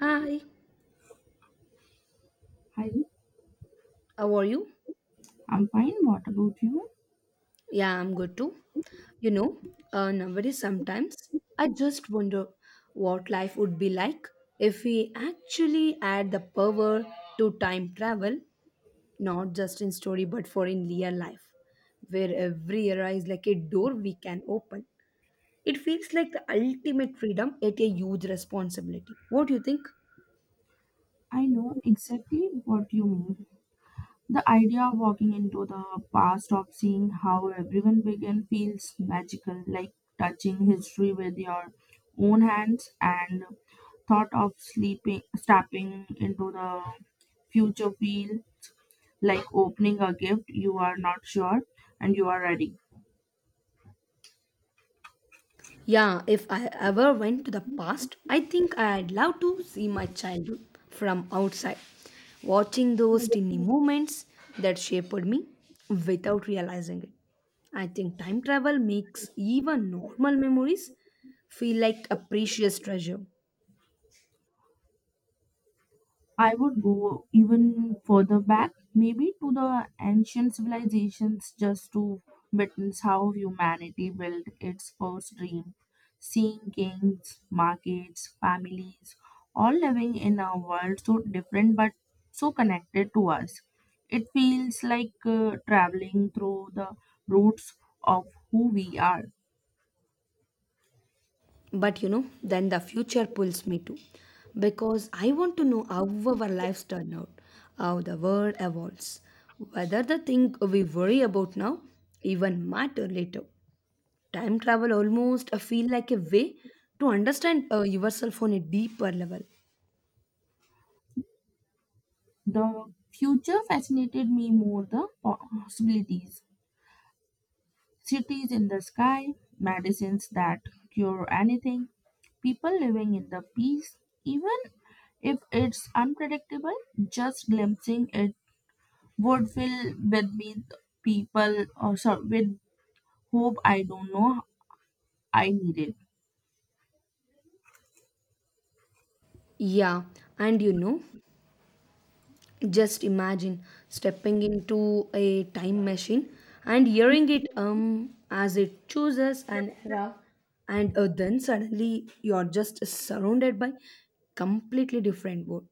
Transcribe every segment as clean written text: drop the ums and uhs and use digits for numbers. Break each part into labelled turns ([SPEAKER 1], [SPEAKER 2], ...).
[SPEAKER 1] Hi,
[SPEAKER 2] Hi,
[SPEAKER 1] how are you?
[SPEAKER 2] I'm fine. What about you?
[SPEAKER 1] Yeah, I'm good too. You know, Nowadays sometimes I just wonder what life would be like if we actually had the power to time travel, not just in story but for in real life, where every era is like a door we can open. It feels like the ultimate freedom at a huge responsibility. What do you think?
[SPEAKER 2] I know exactly what you mean. The idea of walking into the past of seeing how everyone began feels magical, like touching history with your own hands and thought of sleeping stepping into the future feel like opening a gift you are not sure and you are ready.
[SPEAKER 1] Yeah, if I ever went to the past, I think I'd love to see my childhood from outside, watching those tiny moments that shaped me without realizing it. I think time travel makes even normal memories feel like a precious treasure.
[SPEAKER 2] I would go even further back, maybe to the ancient civilizations, just to witness how humanity built its first dream. Seeing kings, markets, families, all living in a world so different but so connected to us. It feels like traveling through the roots of who we are.
[SPEAKER 1] But you know, then the future pulls me too, because I want to know how our lives turn out, how the world evolves, whether the thing we worry about now even matter later. Time travel almost feel like a way to understand yourself on a deeper level.
[SPEAKER 2] The future fascinated me more the possibilities cities in the sky, medicines that cure anything, people living in the peace, even if it's unpredictable, just glimpsing it would fill with me people or so with hope I don't know I needed.
[SPEAKER 1] Yeah, and you know, just imagine stepping into a time machine and hearing it as it chooses an era, and then suddenly you're just surrounded by completely different world.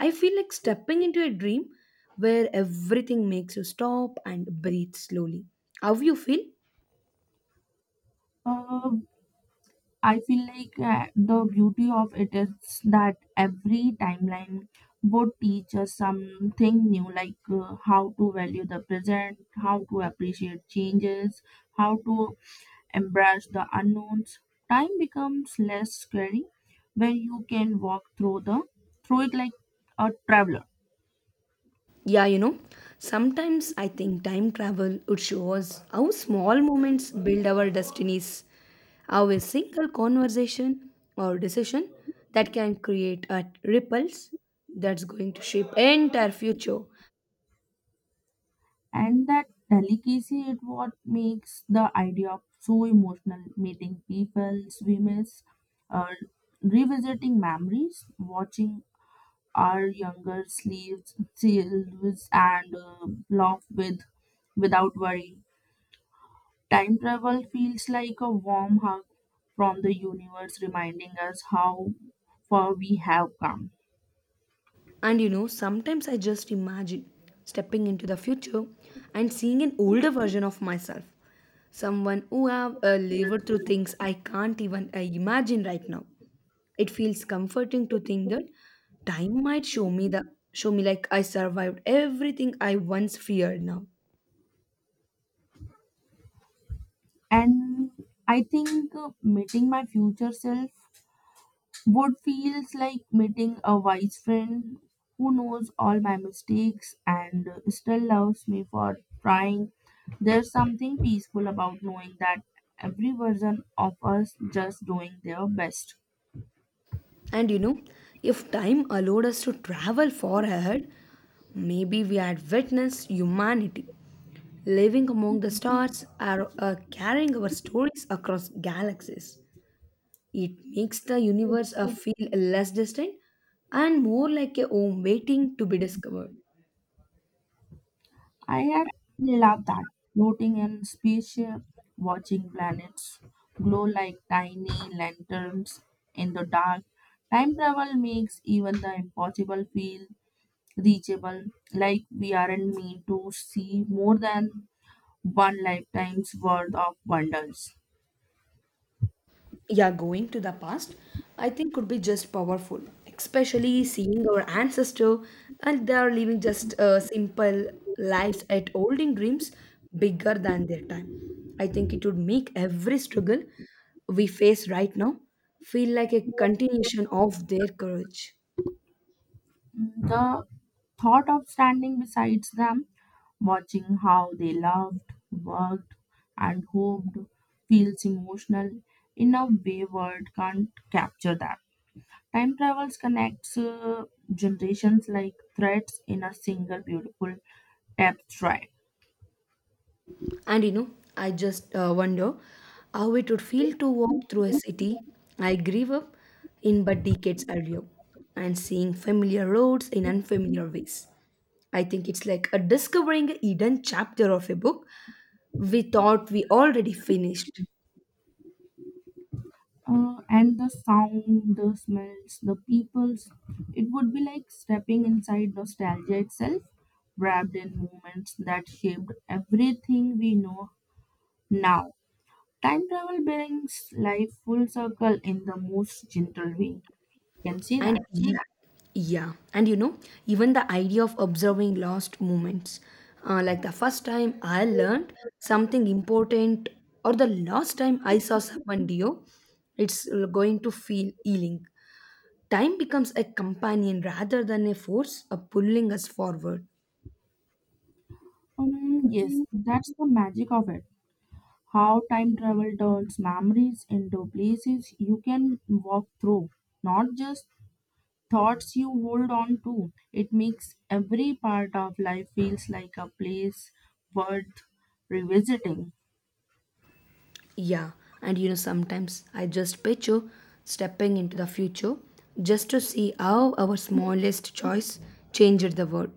[SPEAKER 1] I feel like stepping into a dream where everything makes you stop and breathe slowly. How you feel?
[SPEAKER 2] Uh, I feel like the beauty of it is that every timeline would teach us something new, like how to value the present, how to appreciate changes, how to embrace the unknowns, time becomes less scary when you can walk through the through it like a traveler.
[SPEAKER 1] Yeah, you know, sometimes I think time travel would show us how small moments build our destinies, how a single conversation or decision that can create a ripples that's going to shape entire future.
[SPEAKER 2] And that delicacy is what makes the idea of so emotional. Meeting people we miss, uh, revisiting memories, watching our younger sleeves, selves and laugh with without worry. Time travel feels like a warm hug from the universe reminding us how far we have come.
[SPEAKER 1] And you know, sometimes I just imagine stepping into the future and seeing an older version of myself. Someone who have lived through things I can't even imagine right now. It feels comforting to think that time might show me the show me like I survived everything I once feared now.
[SPEAKER 2] And I think meeting my future self would feels like meeting a wise friend who knows all my mistakes and still loves me for trying. There's something peaceful about knowing that every version of us just doing their best.
[SPEAKER 1] And you know, if time allowed us to travel far ahead, maybe we had witnessed humanity living among the stars or carrying our stories across galaxies. It makes the universe feel less distant and more like a home waiting to be discovered.
[SPEAKER 2] I had love that. Floating in spaceship, watching planets glow like tiny lanterns in the dark. Time travel makes even the impossible feel reachable, like we aren't meant to see more than one lifetime's worth of wonders.
[SPEAKER 1] Yeah, going to the past, I think could be just powerful, especially seeing our ancestor and they are living just simple lives at holding dreams bigger than their time. I think it would make every struggle we face right now feel like a continuation of their courage.
[SPEAKER 2] The thought of standing beside them, watching how they loved, worked, and hoped, feels emotional in a way word can't capture that. Time travels connects generations like threads in a single beautiful tapestry.
[SPEAKER 1] And you know, I just wonder how it would feel to walk through a city I grew up in but decades earlier and seeing familiar roads in unfamiliar ways. I think it's like a discovering a hidden chapter of a book we thought we already finished.
[SPEAKER 2] And the sound, the smells, the peoples, it would be like stepping inside nostalgia itself, wrapped in moments that shaped everything we know now. Time travel brings life full circle in the most gentle way. Can see
[SPEAKER 1] And
[SPEAKER 2] that?
[SPEAKER 1] ye- and even the idea of observing lost moments, like the first time I learned something important, or the last time I saw someone Dio, it's going to feel healing. Time becomes a companion rather than a force pulling us forward.
[SPEAKER 2] Yes, that's the magic of it. How time travel turns memories into places you can walk through, not just thoughts you hold on to. It makes every part of life feels like a place worth revisiting.
[SPEAKER 1] Yeah, and you know, sometimes I just picture stepping into the future just to see how our smallest choice changed the world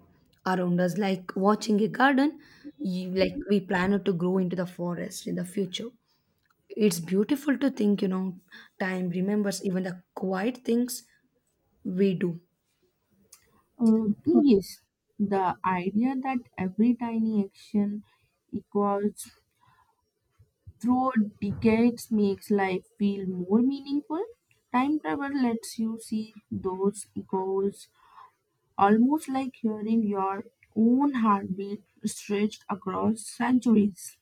[SPEAKER 1] around us, like watching a garden, you, like we plan to grow into the forest in the future. It's beautiful to think, you know, time remembers even the quiet things we do.
[SPEAKER 2] Yes, the idea that every tiny action echoes through decades makes life feel more meaningful. Time travel lets you see those goals almost like hearing your own heartbeat stretched across centuries.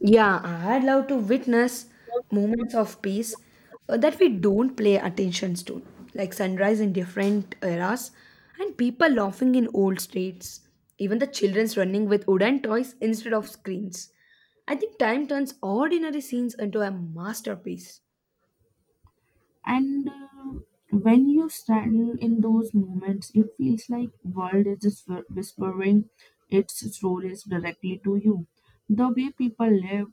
[SPEAKER 1] Yeah, I'd love to witness moments of peace that we don't pay attention to, like sunrise in different eras and people laughing in old streets, even the children's running with wooden toys instead of screens. I think time turns ordinary scenes into a masterpiece.
[SPEAKER 2] And when you stand in those moments, it feels like world is just whispering its stories directly to you. The way people lived,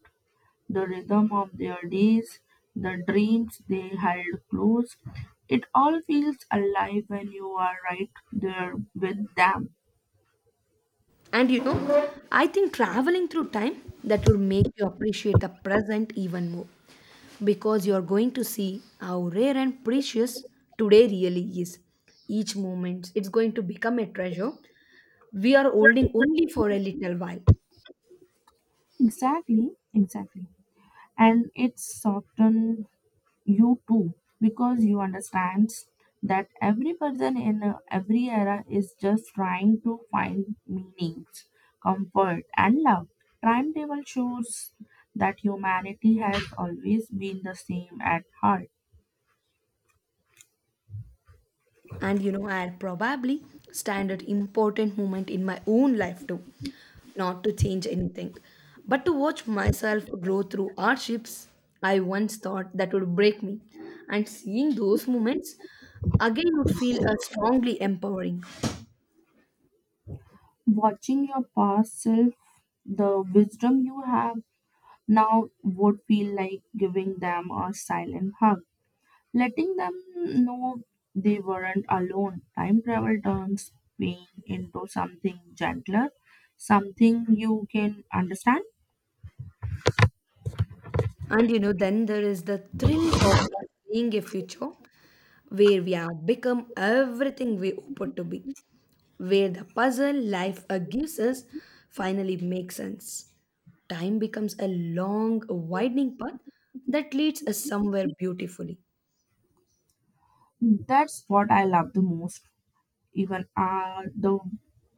[SPEAKER 2] the rhythm of their days, the dreams they held close. It all feels alive when you are right there with them.
[SPEAKER 1] And you know, I think traveling through time that will make you appreciate the present even more because you are going to see how rare and precious today really is. Each moment it's going to become a treasure we are holding only for a little while.
[SPEAKER 2] Exactly, exactly. And it softens you too because you understand that every person in every era is just trying to find meanings, comfort, and love. Timetable shows that humanity has always been the same at heart.
[SPEAKER 1] And you know, I'll probably stand at important moment in my own life too, not to change anything but to watch myself grow through hardships I once thought that would break me, and seeing those moments again would feel strongly empowering.
[SPEAKER 2] Watching your past self, the wisdom you have now would feel like giving them a silent hug, letting them know they weren't alone. Time travel turns pain into something gentler, something you can understand.
[SPEAKER 1] And you know, then there is the thrill of seeing a future where we have become everything we hoped to be, where the puzzle life gives us finally makes sense. Time becomes a long, widening path that leads us somewhere beautifully.
[SPEAKER 2] That's what I love the most. Even the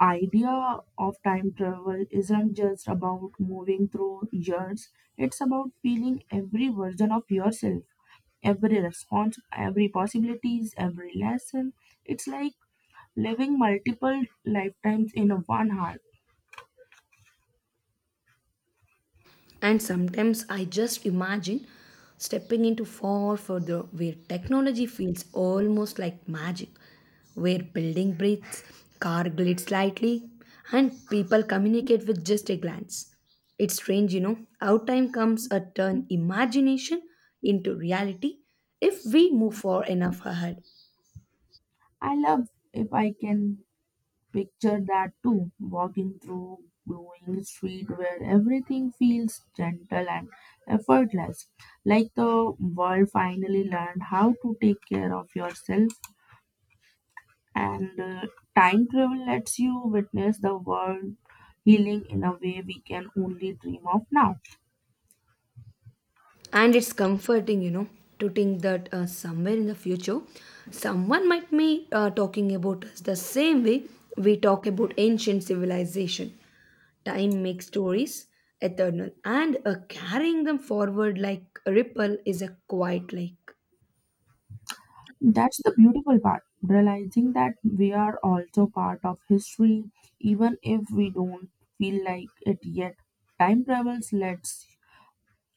[SPEAKER 2] idea of time travel isn't just about moving through years, it's about feeling every version of yourself. Every response, every possibilities, every lesson. It's like living multiple lifetimes in one heart.
[SPEAKER 1] And sometimes I just imagine stepping into far further where technology feels almost like magic, where building breathes, car glides slightly, and people communicate with just a glance. It's strange, you know, how time comes a turn imagination into reality if we move far enough ahead.
[SPEAKER 2] I love if I can picture that too, walking through glowing street where everything feels gentle and effortless, like the world finally learned how to take care of yourself. And time travel lets you witness the world healing in a way we can only dream of now.
[SPEAKER 1] And it's comforting, you know, to think that somewhere in the future, someone might be talking about us the same way we talk about ancient civilization. Time makes stories eternal, and carrying them forward like a ripple is a quiet like.
[SPEAKER 2] That's the beautiful part, realizing that we are also part of history, even if we don't feel like it yet. Time travels lets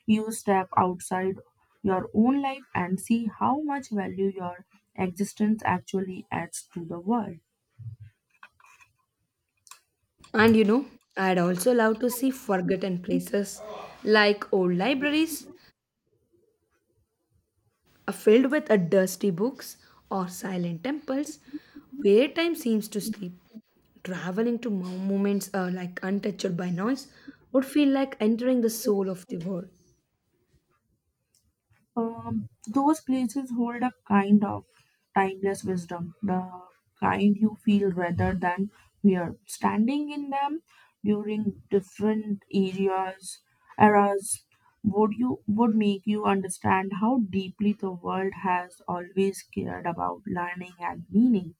[SPEAKER 2] you step outside your own life and see how much value your existence actually adds to the world.
[SPEAKER 1] And you know, I'd also love to see forgotten places like old libraries are filled with a dusty books or silent temples where time seems to sleep. Traveling to moments like untouched by noise would feel like entering the soul of the world.
[SPEAKER 2] Those places hold a kind of timeless wisdom, the kind you feel rather than fear. Standing in them during different areas, eras, would you would make you understand how deeply the world has always cared about learning and meaning.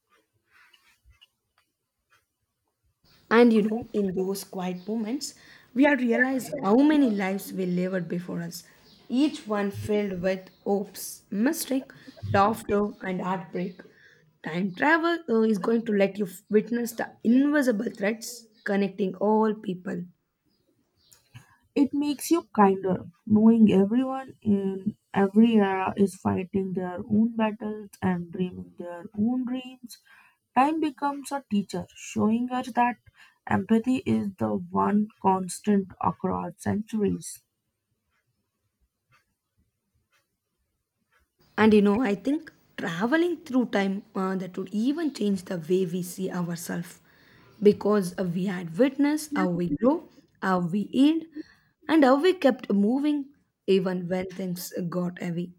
[SPEAKER 1] And you know, in those quiet moments, we are realized how many lives we lived before us, each one filled with hopes, mistake, laughter, and heartbreak. Time travel is going to let you witness the invisible threads connecting all people.
[SPEAKER 2] It makes you kinder, knowing everyone in every era is fighting their own battles and dreaming their own dreams. Time becomes a teacher, showing her that empathy is the one constant across centuries.
[SPEAKER 1] And you know, I think traveling through time that would even change the way we see ourselves because we had witnessed how we grow, how we healed, and how we kept moving even when things got heavy.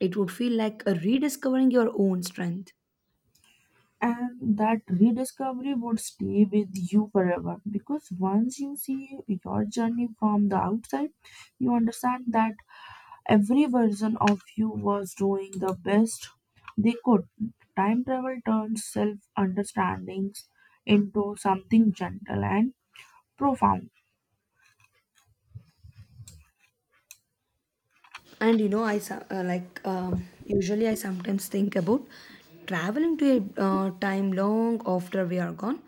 [SPEAKER 1] It would feel like rediscovering your own strength.
[SPEAKER 2] And that rediscovery would stay with you forever because once you see your journey from the outside, you understand that every version of you was doing the best they could. Time travel turns self understandings into something gentle and profound.
[SPEAKER 1] And you know, I so- like usually I sometimes think about traveling to a time long after we are gone,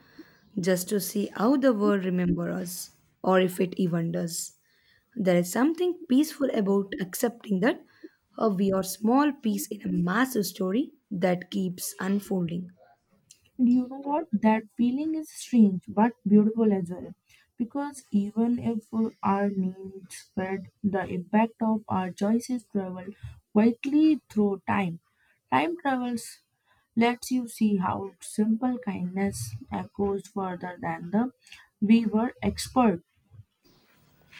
[SPEAKER 1] just to see how the world remember us, or if it even does. There is something peaceful about accepting that we are small piece in a massive story that keeps unfolding.
[SPEAKER 2] And you know what, that feeling is strange but beautiful as well because even if our names spread the impact of our choices travel quietly through time, time travels lets you see how simple kindness echoes further than the we were expert.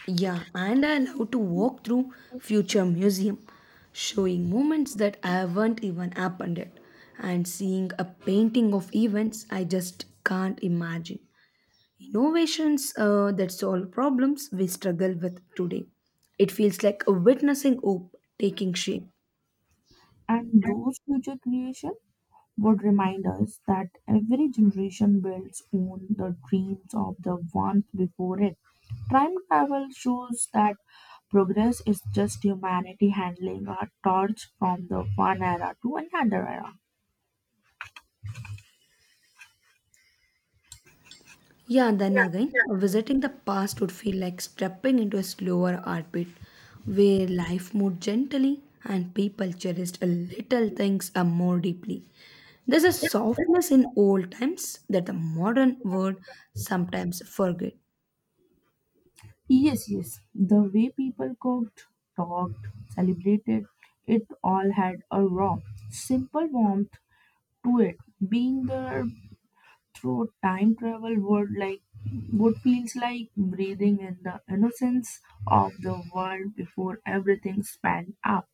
[SPEAKER 1] Yeah, and I love to walk through future museum, showing moments that haven't even happened yet, and seeing a painting of events I just can't imagine. Innovations that solve problems we struggle with today. It feels like witnessing hope taking shape.
[SPEAKER 2] And those future creations would remind us that every generation builds on the dreams of the ones before it. Time travel shows that progress is just humanity handling a torch from the one era to another era.
[SPEAKER 1] Yeah, then again, visiting the past would feel like stepping into a slower heartbeat where life moved gently and people cherished a little things a more deeply. There's a softness in old times that the modern world sometimes forget.
[SPEAKER 2] Yes, yes, the way people cooked, talked, celebrated, it all had a raw, simple warmth to it. Being there through time travel would like would feels like breathing in the innocence of the world before everything sped up.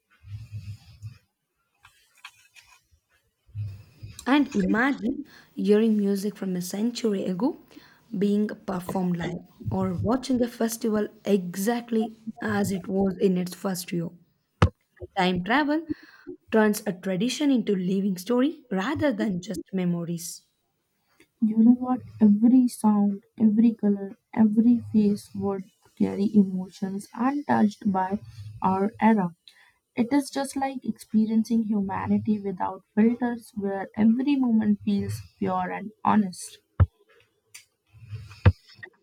[SPEAKER 1] And imagine hearing music from a century ago being performed live or watching a festival exactly as it was in its first year. Time travel turns a tradition into living story rather than just memories.
[SPEAKER 2] You know what? Every sound, every color, every face would carry emotions untouched by our era. It is just like experiencing humanity without filters, where every moment feels pure and honest.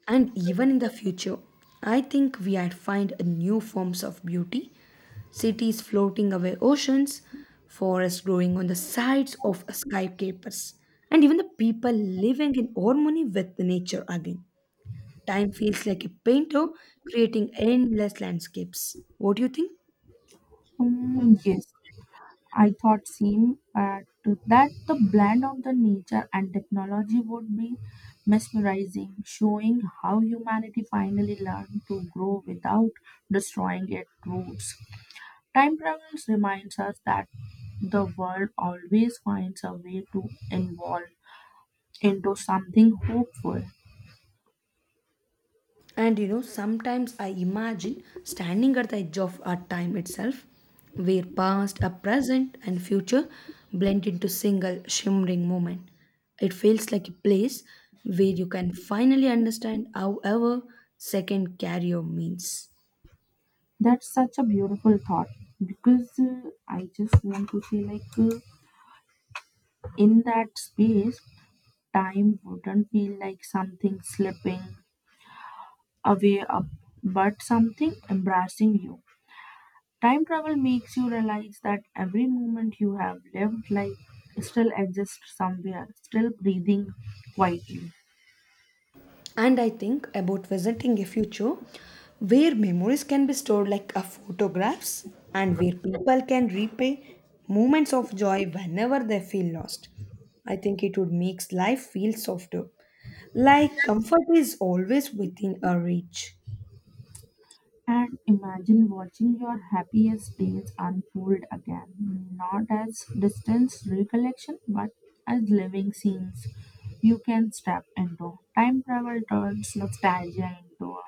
[SPEAKER 1] And even in the future, I think we are find new forms of beauty. Cities floating away oceans, forests growing on the sides of skyscrapers, and even the people living in harmony with the nature again. Time feels like a painter creating endless landscapes. What do you think?
[SPEAKER 2] Mm, yes, I thought seemed to that the blend of the nature and technology would be mesmerizing, showing how humanity finally learned to grow without destroying its roots. Time travel reminds us that the world always finds a way to evolve into something hopeful.
[SPEAKER 1] And you know, sometimes I imagine standing at the edge of our time itself, where past, a present, and future blend into single shimmering moment. It feels like a place where you can finally understand however second carrier means.
[SPEAKER 2] That's such a beautiful thought because I just want to say like in that space time wouldn't feel like something slipping away up, but something embracing you. Time travel makes you realize that every moment you have lived life still exists somewhere, still breathing quietly.
[SPEAKER 1] And I think about visiting a future where memories can be stored like a photographs and where people can replay moments of joy whenever they feel lost. I think it would make life feel softer. Like comfort is always within our reach.
[SPEAKER 2] And imagine watching your happiest days unfold again, not as distance recollection, but as living scenes you can step into. Time travel turns nostalgia into a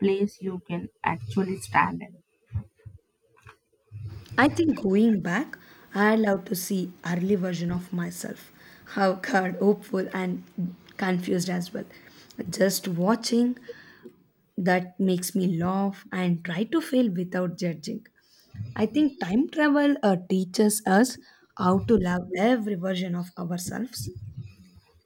[SPEAKER 2] place you can actually stand in.
[SPEAKER 1] I think going back, I love to see early version of myself, how card hopeful and confused as well. Just watching that makes me laugh and try to fail without judging. I think time travel teaches us how to love every version of ourselves.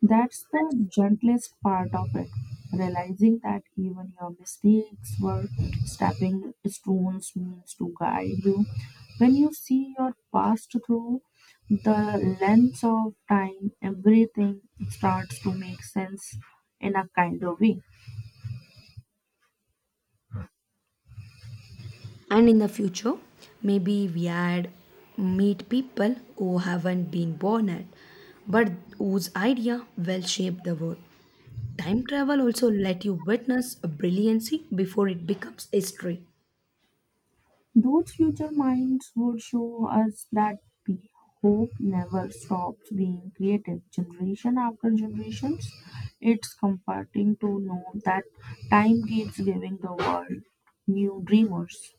[SPEAKER 2] That's the gentlest part of it, realizing that even your mistakes were stepping stones means to guide you. When you see your past through the lens of time, everything starts to make sense in a kind of way.
[SPEAKER 1] And in the future, maybe we had meet people who haven't been born yet, but whose idea will shape the world. Time travel also let you witness a brilliancy before it becomes history.
[SPEAKER 2] Those future minds would show us that p- hope never stops being creative, generation after generations. It's comforting to know that time keeps giving the world new dreamers.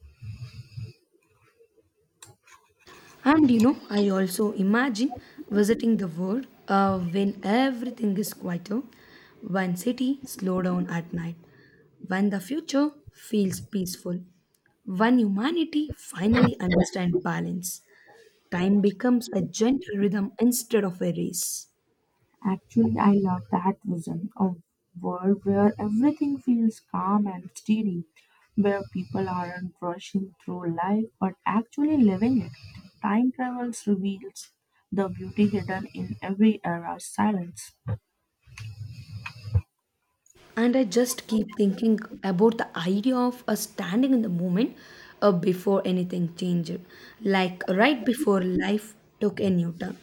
[SPEAKER 1] And you know, I also imagine visiting the world when everything is quieter, when city slow down at night, when the future feels peaceful, when humanity finally understand balance. Time becomes a gentle rhythm instead of a race.
[SPEAKER 2] Actually, I love that vision, a world where everything feels calm and steady, where people aren't rushing through life but actually living it. Time travels reveals the beauty hidden in every era's silence.
[SPEAKER 1] And I just keep thinking about the idea of us standing in the moment before anything changed, like right before life took a new turn.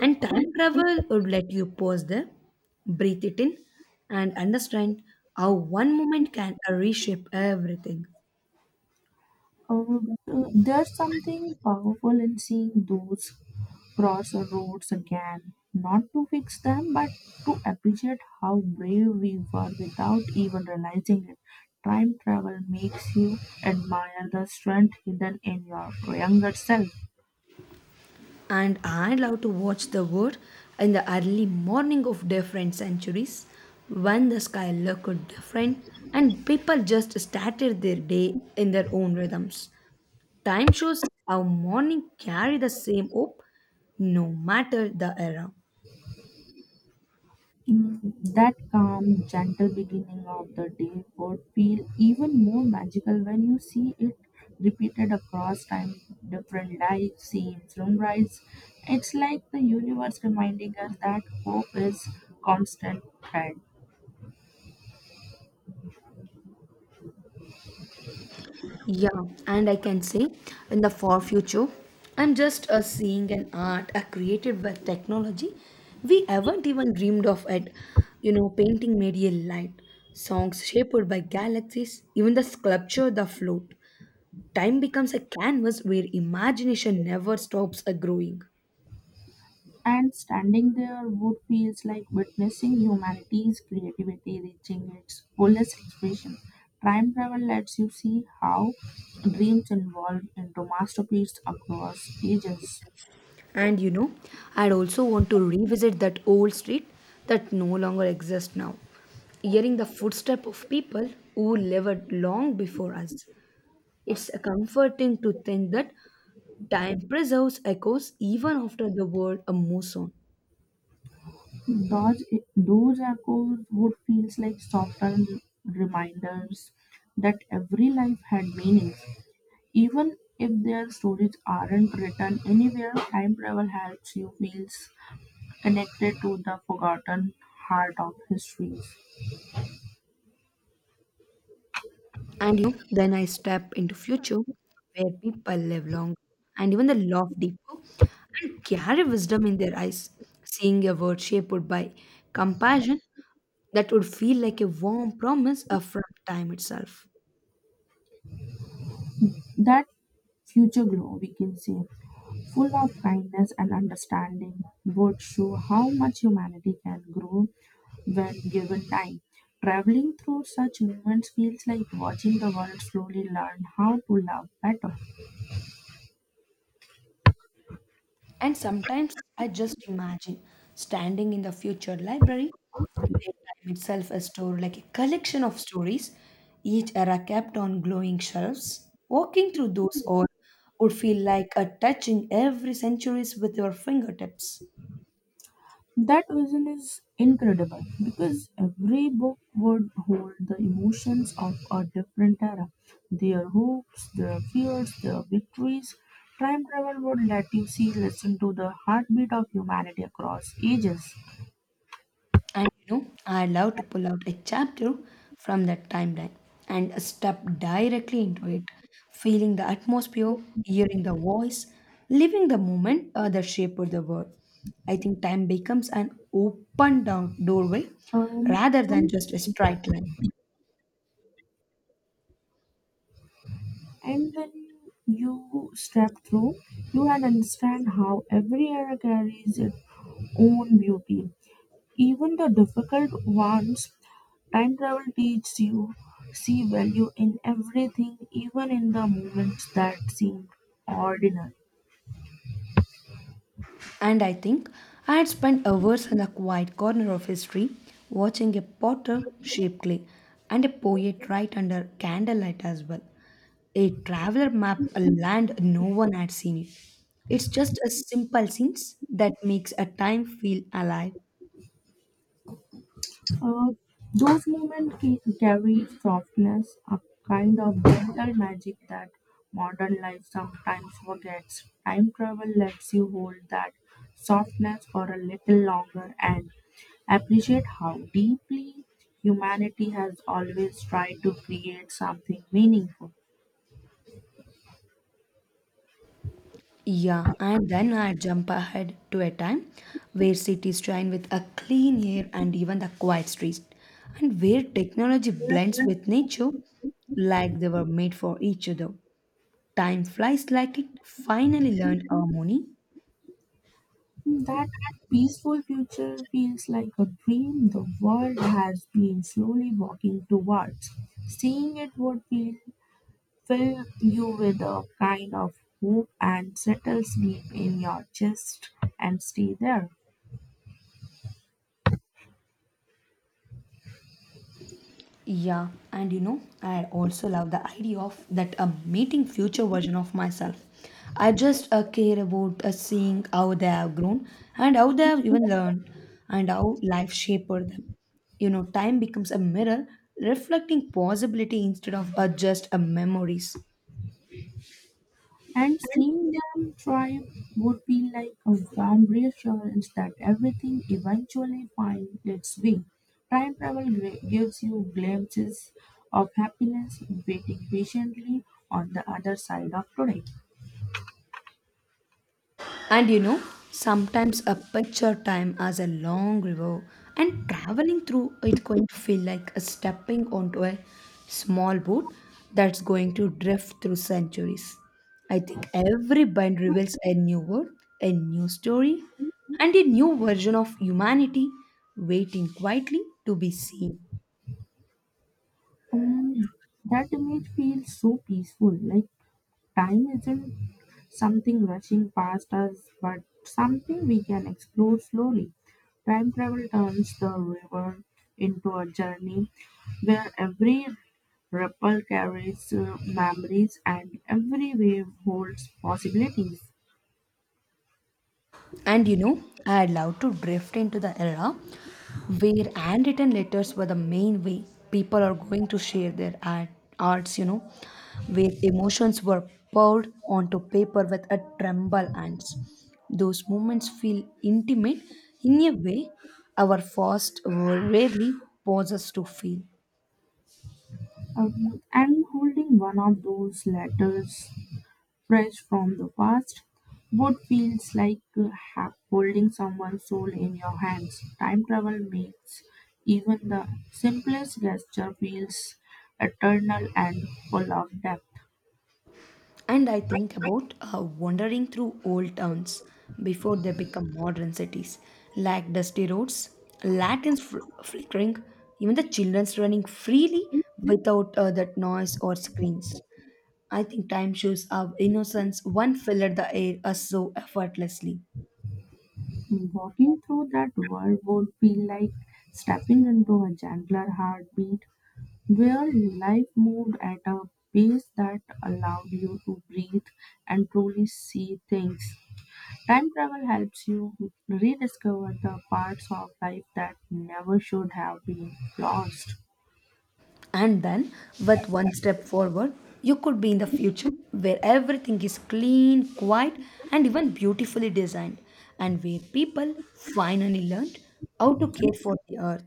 [SPEAKER 1] And time travel would let you pause there, breathe it in, and understand how one moment can reshape everything.
[SPEAKER 2] There's something powerful in seeing those cross roads again, not to fix them, but to appreciate how brave we were without even realizing it. Time travel makes you admire the strength hidden in your younger self.
[SPEAKER 1] And I love to watch the world in the early morning of different centuries when the sky looked different and people just started their day in their own rhythms. Time shows how morning carry the same hope no matter the era.
[SPEAKER 2] Mm, that calm, gentle beginning of the day would feel even more magical when you see it repeated across time, different lights, scenes, sunrise. It's like the universe reminding us that hope is constant thread.
[SPEAKER 1] Yeah, and I can say in the far future, I'm just a seeing an art a created by technology we haven't even dreamed of it. You know, painting made a light, songs shaped by galaxies, even the sculpture the float. Time becomes a canvas where imagination never stops a growing.
[SPEAKER 2] And standing there would feels like witnessing humanity's creativity reaching its fullest expression. Time travel lets you see how dreams evolve into masterpieces across ages.
[SPEAKER 1] And you know, I'd also want to revisit that old street that no longer exists now. Hearing the footsteps of people who lived long before us. It's comforting to think that time preserves echoes even after the world moves on.
[SPEAKER 2] Those, those echoes would feels like softened reminders that every life had meanings. Even if their stories aren't written anywhere, time travel helps you feel connected to the forgotten heart of histories.
[SPEAKER 1] And you know, then I step into future where people live longer and even the laugh deeper and carry wisdom in their eyes, seeing a world shaped by compassion that would feel like a warm promise from time itself.
[SPEAKER 2] That future glow, we can say, full of kindness and understanding, would show how much humanity can grow when given time. Traveling through such moments feels like watching the world slowly learn how to love better.
[SPEAKER 1] And sometimes I just imagine standing in the future library where time itself is stored like a collection of stories, each era kept on glowing shelves. Walking through those all would feel like a touching every centuries with your fingertips.
[SPEAKER 2] That vision is incredible because every book would hold the emotions of a different era, their hopes, their fears, their victories. Time travel would let you see, listen to the heartbeat of humanity across ages.
[SPEAKER 1] And you know, I love to pull out a chapter from that timeline and step directly into it, feeling the atmosphere, hearing the voice, living the moment that shaped the world. I think time becomes an open down doorway
[SPEAKER 2] Um,
[SPEAKER 1] rather than just a straight line.
[SPEAKER 2] And when you step through, you can understand how every era carries its own beauty. Even the difficult ones, time travel teaches you see value in everything, even in the moments that seem ordinary.
[SPEAKER 1] And I think I had spent hours in a quiet corner of history watching a potter shape clay and a poet write under candlelight as well. A traveler map a land no one had seen it. It's just a simple scenes that makes a time feel alive.
[SPEAKER 2] Uh, those moments carry softness, a kind of gentle magic that modern life sometimes forgets. Time travel lets you hold that softness for a little longer and appreciate how deeply humanity has always tried to create something meaningful.
[SPEAKER 1] Yeah, and then I jump ahead to a time where cities shine with a clean air and even the quiet streets, and where technology blends with nature like they were made for each other. Time flies like it finally learned harmony.
[SPEAKER 2] That peaceful future feels like a dream the world has been slowly walking towards. Seeing it would feel fill you with a kind of hope and settles deep in your chest and stay there.
[SPEAKER 1] Yeah, and you know, I also love the idea of that I meeting future version of myself. I just care about seeing how they have grown and how they have even learned and how life shaped them. You know, time becomes a mirror reflecting possibility instead of just a memories.
[SPEAKER 2] And seeing them thrive would be like a warm reassurance that everything eventually finds its way. Time travel gives you glimpses of happiness waiting patiently on the other side of today.
[SPEAKER 1] And you know, sometimes a picture time as a long river, and traveling through it going to feel like a stepping onto a small boat that's going to drift through centuries. I think every bend reveals a new world, a new story, and a new version of humanity waiting quietly to be seen.
[SPEAKER 2] Um, that image feels so peaceful, like time isn't something rushing past us, but something we can explore slowly. Time travel turns the river into a journey where every ripple carries memories and every wave holds possibilities.
[SPEAKER 1] And you know, I love to drift into the era where handwritten letters were the main way people are going to share their art, arts, you know, where emotions were poured onto paper with a tremble hands. Those moments feel intimate in a way our fast world rarely pauses to feel.
[SPEAKER 2] And holding one of those letters fresh from the past, what feels like holding someone's soul in your hands. Time travel makes even the simplest gesture feels eternal and full of depth.
[SPEAKER 1] And I think about wandering through old towns before they become modern cities, like dusty roads, lanterns flickering, even the children's running freely without that noise or screens. I think time shows our innocence one filled the air so effortlessly.
[SPEAKER 2] Walking through that world would feel like stepping into a gentler heartbeat where life moved at a pace that allowed you to breathe and truly see things. Time travel helps you rediscover the parts of life that never should have been lost.
[SPEAKER 1] And then with one step forward you could be in the future where everything is clean quiet and even beautifully designed and where people finally learned how to care for the earth.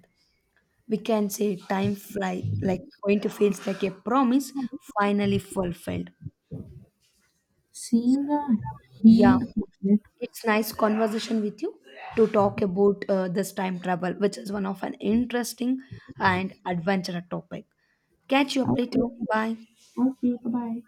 [SPEAKER 1] We can say time fly like going to feels like a promise finally fulfilled.
[SPEAKER 2] Seeing a
[SPEAKER 1] Yeah,
[SPEAKER 2] healed planet.
[SPEAKER 1] it's nice conversation with you to talk about this time travel which is one of an interesting and adventurous topic. Catch you up
[SPEAKER 2] I
[SPEAKER 1] later. Bye.
[SPEAKER 2] okay, bye bye.